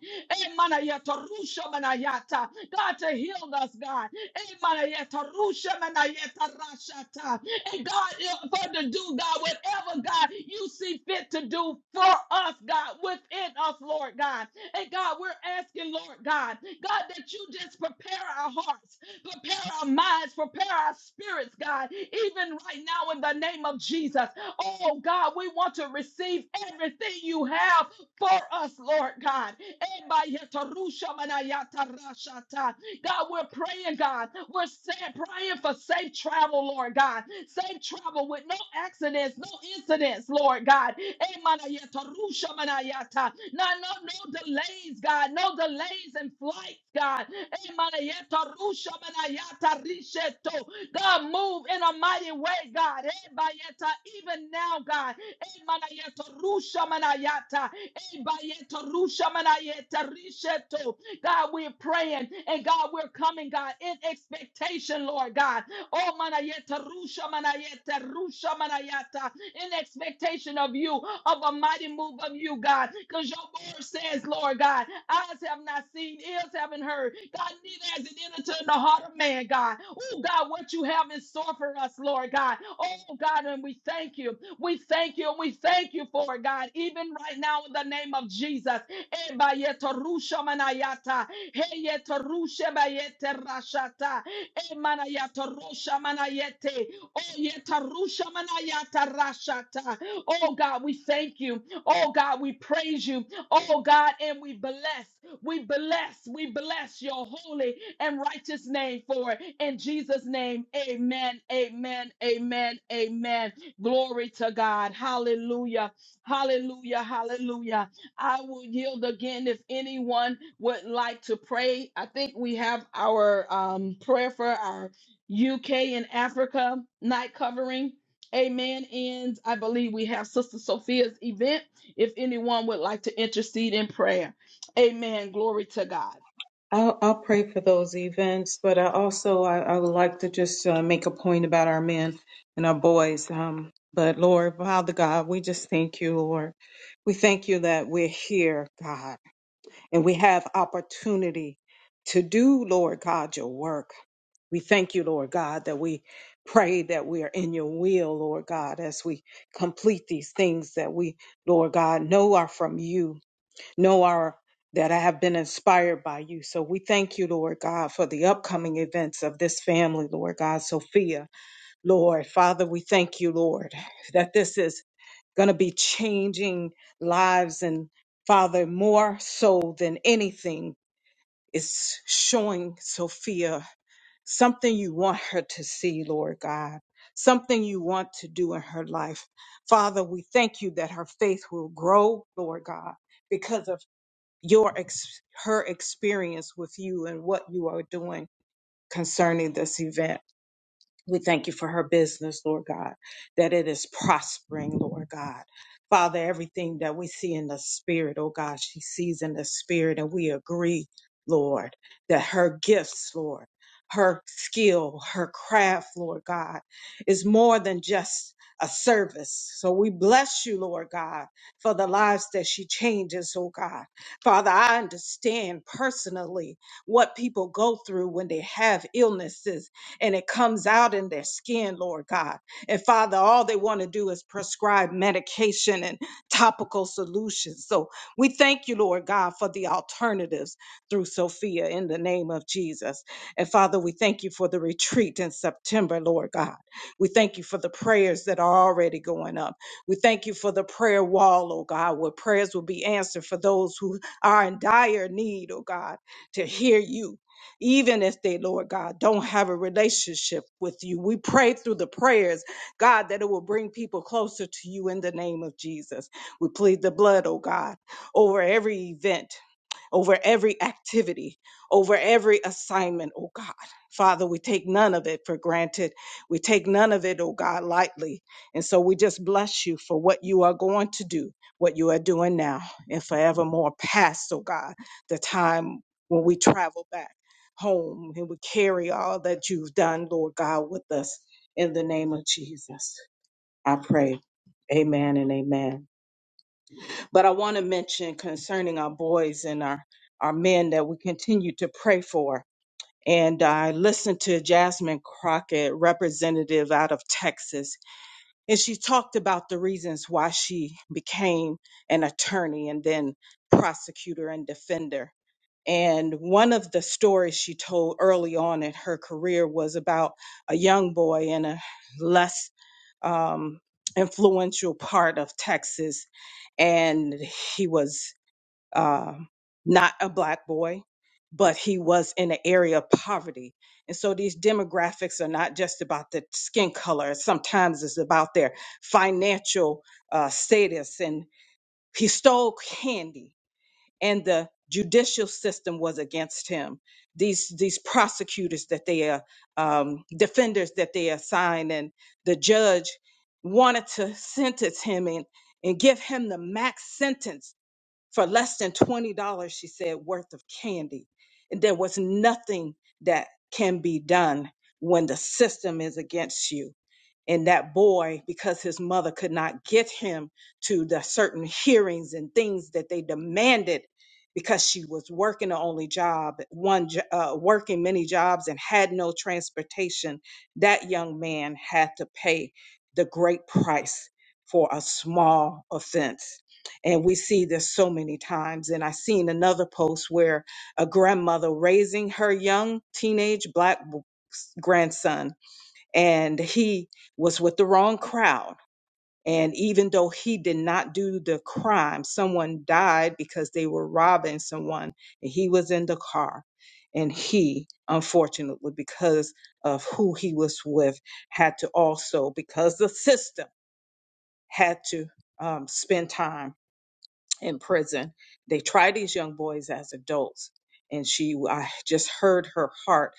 Speaker 1: Emanayata rusha manayata. God, to heal us, God. Emanayata rusha manayata rashata. And God, eh, for to do, God, whatever, God, you see fit to do for us, God, within us, Lord God. And God, we're asking, Lord God, God, that you just prepare our hearts, prepare our minds, prepare our spirits, God, even right now in the name of Jesus. Oh, God, we want to receive everything you have for us, Lord God. Ebayetarusha manayata rashata. God, we're praying, God. We're saying, praying for safe travel, Lord God. Safe travel with no accidents, no incidents, Lord God. Emanayata, rushamanayata. No, no, no delays, God. No delays in flights, God. Emanayata, rushamanayata, risheto. God, move in a mighty way, God. Ebayeta, Even now, God. Emanayata, rushamanayata. Ebayeta, rushamanayata, risheto. God, we're praying and God, we're coming, God, in expectation, Lord God. Oh, manayeta rusha manayeta rusha manayata, in expectation of you, of a mighty move of you, God, because your word says, Lord God, eyes have not seen, ears haven't heard, God, neither has it entered into the heart of man, God. Oh, God, what you have in store for us, Lord God. Oh, God, and we thank you. We thank you and we thank you for it, God, even right now in the name of Jesus. Ebayeto rusha manayata. he rusha bayete rashata. Emanayato rusha manayete. Oyeta rusha manayata rashata. Oh God, we thank you. Oh God, we praise you. Oh God, and we bless. We bless. We bless your holy and righteous name for it. In Jesus' name, amen, amen, amen, amen. Glory to God. Hallelujah. Hallelujah. Hallelujah. I will yield again if anyone would like to pray. I think we have our um, prayer for our UK and Africa night covering. Amen. And I believe we have Sister Sophia's event if anyone would like to intercede in prayer. Amen. Glory to God.
Speaker 4: I'll, I'll pray for those events, but I also I, I would like to just uh, make a point about our men and our boys. Um, but Lord, Father God, we just thank you, Lord. We thank you that we're here, God, and we have opportunity to do, Lord God, your work. We thank you, Lord God, that we pray that we are in your will, Lord God, as we complete these things that we, Lord God, know are from you know our that I have been inspired by you. So we thank you, Lord God, for the upcoming events of this family, Lord God, Sophia, Lord, Father, we thank you, Lord, that this is going to be changing lives and Father, more so than anything is showing Sophia something you want her to see, Lord God, something you want to do in her life. Father, we thank you that her faith will grow, Lord God because of your ex- her experience with you and what you are doing concerning this event. We thank you for her business, Lord God, that it is prospering, Lord God. Father, everything that we see in the spirit, oh God, she sees in the spirit, and we agree, Lord, that her gifts, Lord, her skill, her craft, Lord God, is more than just a service. So we bless you, Lord God, for the lives that she changes, oh God. Father, I understand personally what people go through when they have illnesses and it comes out in their skin, Lord God. And Father, all they want to do is prescribe medication and topical solutions. So we thank you, Lord God, for the alternatives through Sophia in the name of Jesus. And Father, we thank you for the retreat in September, Lord God. We thank you for the prayers that are already going up. We thank you for the prayer wall, oh God, where prayers will be answered for those who are in dire need, oh God, to hear you even if they, Lord God, don't have a relationship with you. We pray through the prayers, God, that it will bring people closer to you in the name of Jesus. We plead the blood, oh God, over every event over every activity, over every assignment, oh God. Father, we take none of it for granted. We take none of it, oh God, lightly. And so we just bless you for what you are going to do, what you are doing now, and forevermore past, oh God, the time when we travel back home and we carry all that you've done, Lord God, with us in the name of Jesus. I pray. Amen and amen. But I want to mention concerning our boys and our, our men that we continue to pray for. And I listened to Jasmine Crockett, representative out of Texas, and she talked about the reasons why she became an attorney and then prosecutor and defender. And one of the stories she told early on in her career was about a young boy in a less um, influential part of Texas, and he was uh, not a black boy, but he was in an area of poverty. And so these demographics are not just about the skin color, sometimes it's about their financial uh, status. And he stole candy and the judicial system was against him. These these prosecutors that they are um, defenders that they assign, and the judge wanted to sentence him and and give him the max sentence for less than twenty dollars. She said worth of candy, and there was nothing that can be done when the system is against you and that boy because his mother could not get him to the certain hearings and things that they demanded because she was working the only job one jo- uh, working many jobs and had no transportation that young man had to pay the great price for a small offense and we see this so many times and i seen another post where a grandmother raising her young teenage black grandson and he was with the wrong crowd. And even though he did not do the crime, someone died because they were robbing someone, and he was in the car. And he, unfortunately, because of who he was with, had to also, because the system had to um, spend time in prison. They tried these young boys as adults, and she, I just heard her heart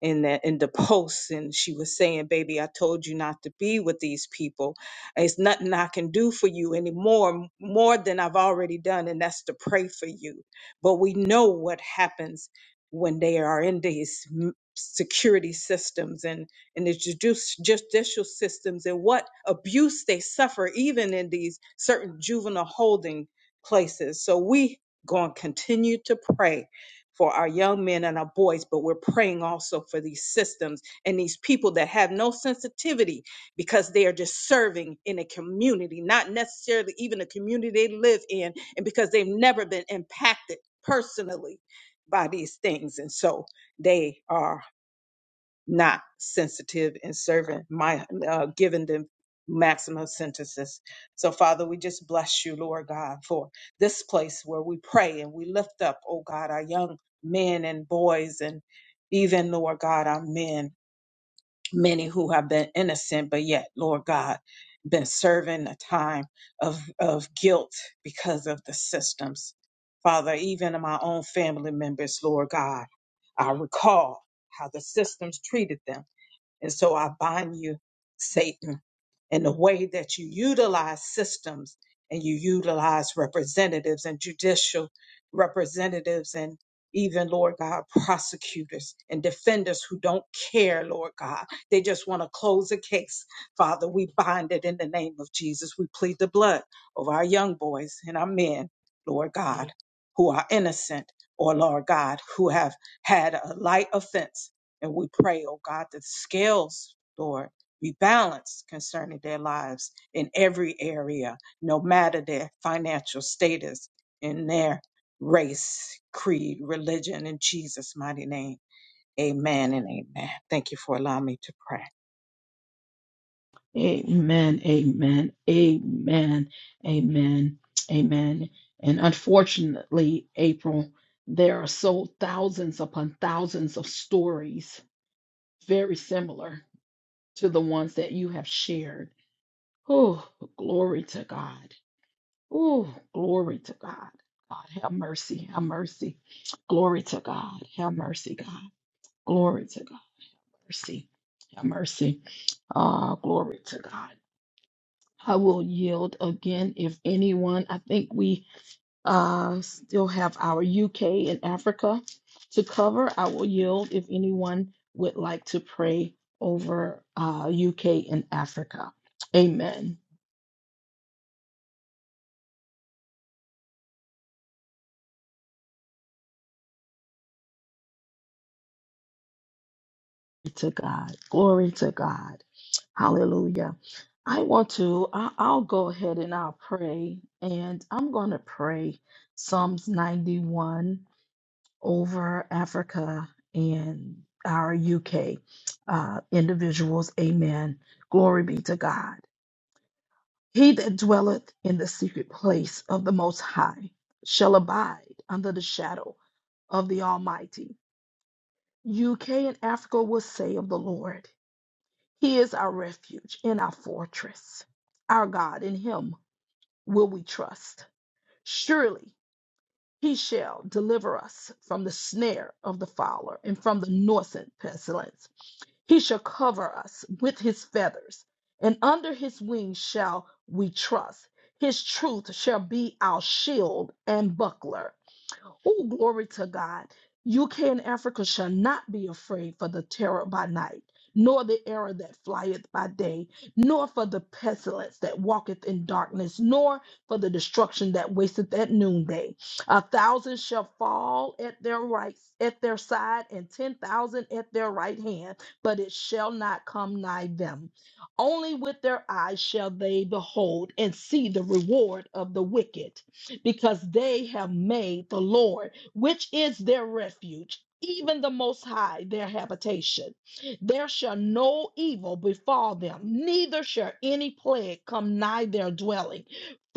Speaker 4: in the in the [LAUGHS] posts and she was saying baby i told you not to be with these people it's nothing i can do for you anymore more than i've already done and that's to pray for you but we know what happens when they are in these m- security systems and and the judici- judicial systems and what abuse they suffer even in these certain juvenile holding places so we going to continue to pray for our young men and our boys, but we're praying also for these systems and these people that have no sensitivity because they are just serving in a community, not necessarily even the community they live in, and because they've never been impacted personally by these things. And so they are not sensitive in serving my uh, giving them maximum sentences. So Father, we just bless you, Lord God, for this place where we pray and we lift up, oh God, our young men and boys and even Lord God, our men, many who have been innocent, but yet, Lord God, been serving a time of of guilt because of the systems. Father, even in my own family members, Lord God, I recall how the systems treated them and so I bind you, Satan, in the way that you utilize systems and you utilize representatives and judicial representatives and even, Lord God, prosecutors and defenders who don't care, Lord God. They just want to close a case. Father, we bind it in the name of Jesus. We plead the blood of our young boys and our men, Lord God, who are innocent or, Lord God, who have had a light offense and we pray, oh God, that the scales, Lord, be balanced concerning their lives in every area, no matter their financial status, in their race, creed, religion, in Jesus' mighty name. Amen and amen. Thank you for allowing me to pray.
Speaker 1: Amen. Amen. Amen. Amen. Amen. And unfortunately, April, there are so thousands upon thousands of stories very similar to the ones that you have shared. Oh, glory to God. Oh, glory to God. God, have mercy. Have mercy. Glory to God. Have mercy, God. Glory to God. Mercy. Have mercy. Ah, glory to God. I will yield again if anyone. I think we Uh, still have our UK and Africa to cover. I will yield if anyone would like to pray over uh, UK and Africa. Amen. Glory To God. Glory to God. Hallelujah. I want to, I, I'll go ahead and I'll pray. And I'm going to pray Psalms 91 over Africa and our UK uh, individuals. Amen. Glory be to God. He that dwelleth in the secret place of the Most High shall abide under the shadow of the Almighty. UK and Africa will say of the Lord, He is our refuge and our fortress, our God, in Him will we trust. Surely He shall deliver us from the snare of the fowler and from the noisome pestilence. He shall cover us with his feathers, and under his wings shall we trust. His truth shall be our shield and buckler. Oh, glory to God. UK and Africa shall not be afraid for the terror by night, nor the arrow that flieth by day, nor for the pestilence that walketh in darkness, nor for the destruction that wasteth at noonday. A thousand shall fall at their right at their side, and ten thousand at their right hand, but it shall not come nigh them. Only with their eyes shall they behold and see the reward of the wicked because they have made the Lord, which is their refuge, even the Most High, their habitation. There shall no evil befall them, neither shall any plague come nigh their dwelling.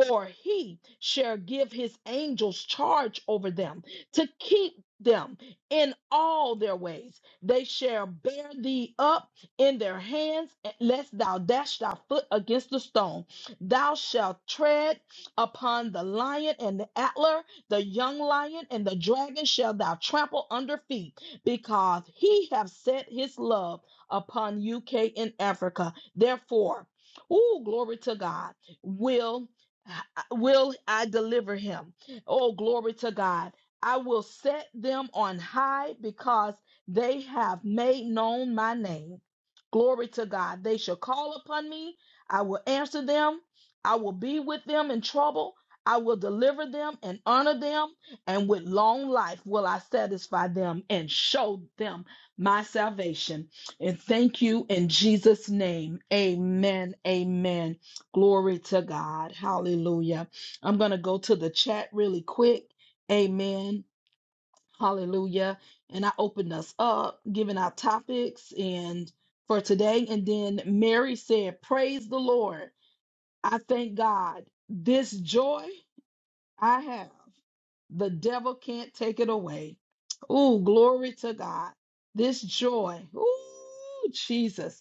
Speaker 1: For he shall give his angels charge over them to keep them in all their ways. They shall bear thee up in their hands, lest thou dash thy foot against a stone. Thou shalt tread upon the lion and the antler, the young lion and the dragon shall thou trample under feet, because he hath set his love upon UK and Africa. Therefore, oh glory to God, will will I deliver him. Oh glory to God. I will set them on high because they have made known my name. Glory to God. They shall call upon me. I will answer them. I will be with them in trouble. I will deliver them and honor them, and with long life will I satisfy them and show them my salvation. And thank you in Jesus' name. Amen. Amen. Glory to God. Hallelujah. I'm going to go to the chat really quick. Amen. Hallelujah. And I opened us up, giving our topics and for today. And then Mary said, Praise the Lord. I thank God this joy I have, the devil can't take it away. Ooh, glory to God. This joy. Ooh, Jesus.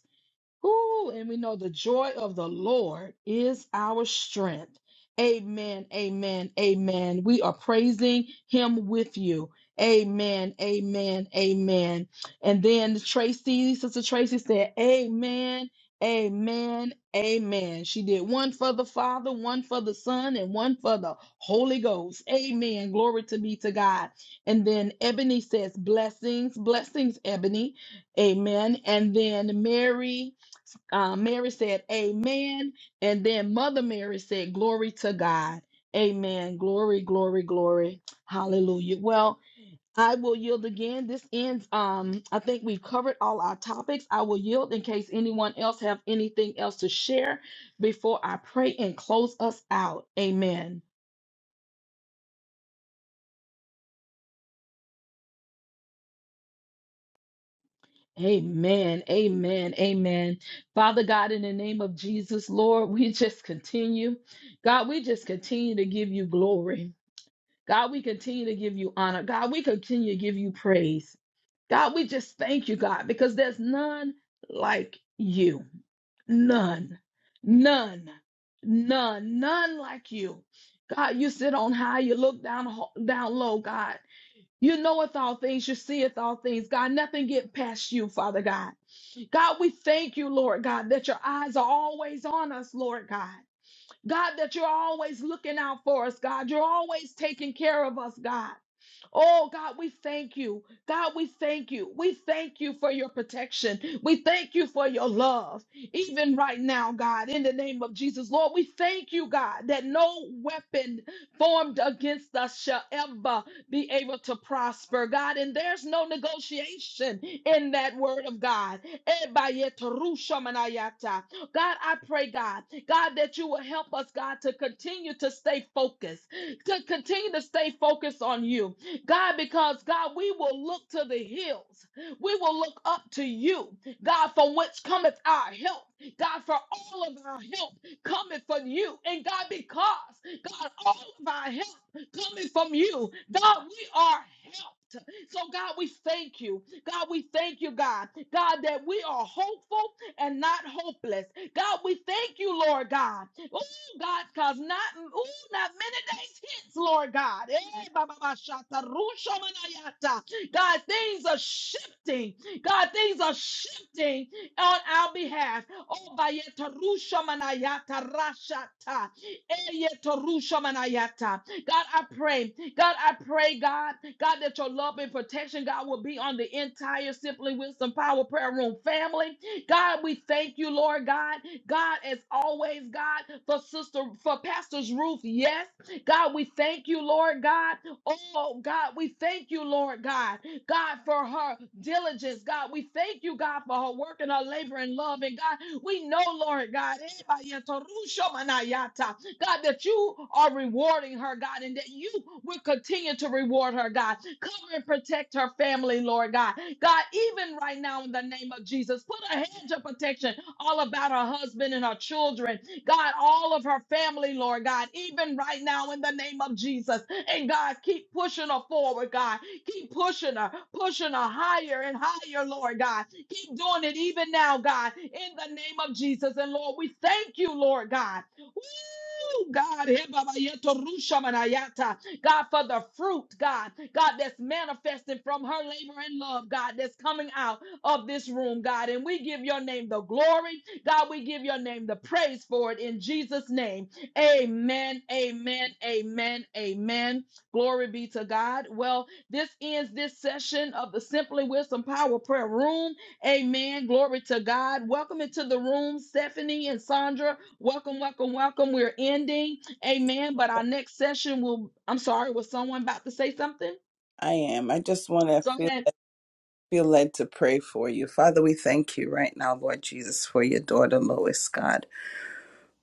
Speaker 1: Ooh, and we know the joy of the Lord is our strength. Amen, amen, amen. We are praising him with you. Amen, amen, amen. And then Tracy, Sister Tracy said, Amen, amen, amen. She did one for the Father, one for the Son, and one for the Holy Ghost. Amen. Glory to be to God. And then Ebony says, Blessings, blessings, Ebony. Amen. And then Mary. Uh, Mary said, Amen. And then Mother Mary said, Glory to God. Amen. Glory, glory, glory. Hallelujah. Well, I will yield again. This ends. Um, I think we've covered all our topics. I will yield in case anyone else have anything else to share before I pray and close us out. Amen. Amen. Amen. Amen. Father God, in the name of Jesus, Lord, we just continue. God, we just continue to give you glory. God, we continue to give you honor. God, we continue to give you praise. God, we just thank you, God, because there's none like you. None. None. None. None like you. God, you sit on high, you look down ho- down low, God. You knoweth all things, you seeth all things. God, nothing get past you, Father God. God, we thank you, Lord God, that your eyes are always on us, Lord God. God, that you're always looking out for us, God. You're always taking care of us, God. Oh, God, we thank you. God, we thank you. We thank you for your protection. We thank you for your love. Even right now, God, in the name of Jesus, Lord, we thank you, God, that no weapon formed against us shall ever be able to prosper, God. And there's no negotiation in that word of God. Ebayeterushamanayata. God, I pray, God, God, that you will help us, God, to continue to stay focused, to continue to stay focused on you. God, because God, we will look to the hills. We will look up to you, God, from which cometh our help. God, for all of our help cometh from you. And God, because God, all of our help coming from you, God, we are help. So, God, we thank you. God, we thank you, God. God, that we are hopeful and not hopeless. God, we thank you, Lord God. Oh, God, because not, ooh, not many days hits, Lord God. Eh, ba, ba, ba, shata, rusha, manayata. God, things are shifting. God, things are shifting on our behalf. Oh, bayeta, rusha, manayata, rashata. God, I pray. God, I pray, God, God, that your love and protection, God, will be on the entire Simply Wisdom Power Prayer Room family. God, we thank you, Lord God. God, as always, God, for sister, for Pastor's Ruth, yes. God, we thank you, Lord God. Oh, God, we thank you, Lord God. God, for her diligence. God, we thank you, God, for her work and her labor and love. And God, we know, Lord God, God, that you are rewarding her, God, and that you will continue to reward her, God. Cover and protect her family, Lord God. God, even right now, in the name of Jesus, put a hedge of protection all about her husband and her children, God, all of her family, Lord God, even right now, in the name of Jesus. And God, keep pushing her forward, God. Keep pushing her, pushing her higher and higher, Lord God. Keep doing it even now, God, in the name of Jesus. And Lord, we thank you, Lord God. Woo! God, eh, Baba Yeto Rusha Manayata. God, for the fruit, God, God, that's manifesting from her labor and love, God, that's coming out of this room, God. And we give your name the glory, God, we give your name the praise for it in Jesus' name. Amen, amen, amen, amen. Glory be to God. Well, this ends this session of the Simply Wisdom Power Prayer Room. Amen. Glory to God. Welcome into the room, Stephanie and Sandra. Welcome, welcome, welcome. We're ending. Amen. But our next session will, I'm sorry, was someone about to say something?
Speaker 2: I am. I just want to
Speaker 1: Go
Speaker 2: feel
Speaker 1: ahead.
Speaker 2: feel led to pray for you. Father, we thank you right now, Lord Jesus, for your daughter Lois, God.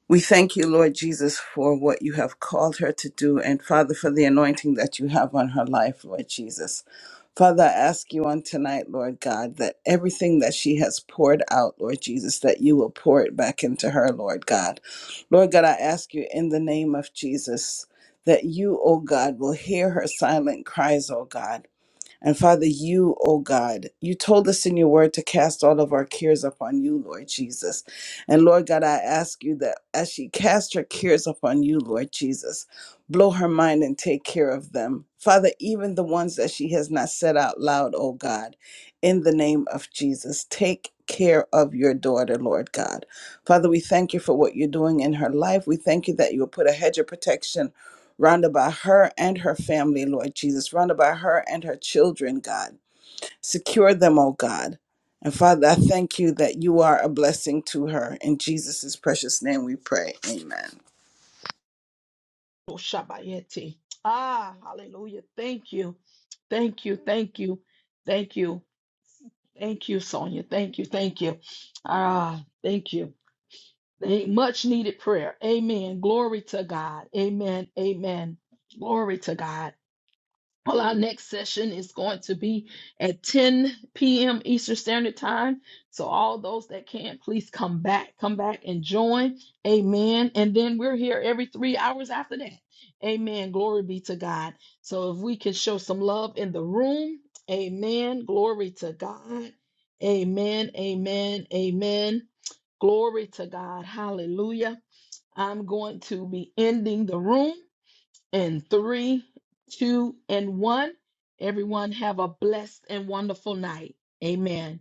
Speaker 2: We thank you, Lord Jesus, for what you have called her to do and Father for the anointing that you have on her life, Lord Jesus. Father, I ask you on tonight, Lord God, that everything that she has poured out, Lord Jesus, that you will pour it back into her, Lord God. Lord God, I ask you in the name of Jesus that you, oh God, will hear her silent cries, oh God and Father, you, oh God, you told us in your word to cast all of our cares upon you, Lord Jesus. And Lord God, I ask you that as she casts her cares upon you, Lord Jesus, blow her mind and take care of them. Father, even the ones that she has not said out loud, oh God, in the name of Jesus, take care of your daughter, Lord God. Father, we thank you for what you're doing in her life. We thank you that you will put a hedge of protection Round about her and her family, Lord Jesus. Round about her and her children, God. Secure them, oh God. And Father, I thank you that you are a blessing to her. In Jesus' precious name we pray. Amen.
Speaker 1: Oh, Shabayeti. Ah, hallelujah. Thank you. Thank you. Thank you. Thank you. Thank you, Sonia. Thank you. Thank you. Ah, thank you. Thank- Much needed prayer. Amen. Glory to God. Amen. Amen. Glory to God. Well, our next session is going to be at 10 p.m. Eastern Standard Time. So, all those that can, please come back, come back and join. Amen. And then we're here every three hours after that. Amen. Glory be to God. So, if we can show some love in the room, amen. Glory to God. Amen. Amen. Amen. Glory to God. Hallelujah. I'm going to be ending the room in three, two, and one. Everyone have a blessed and wonderful night. Amen.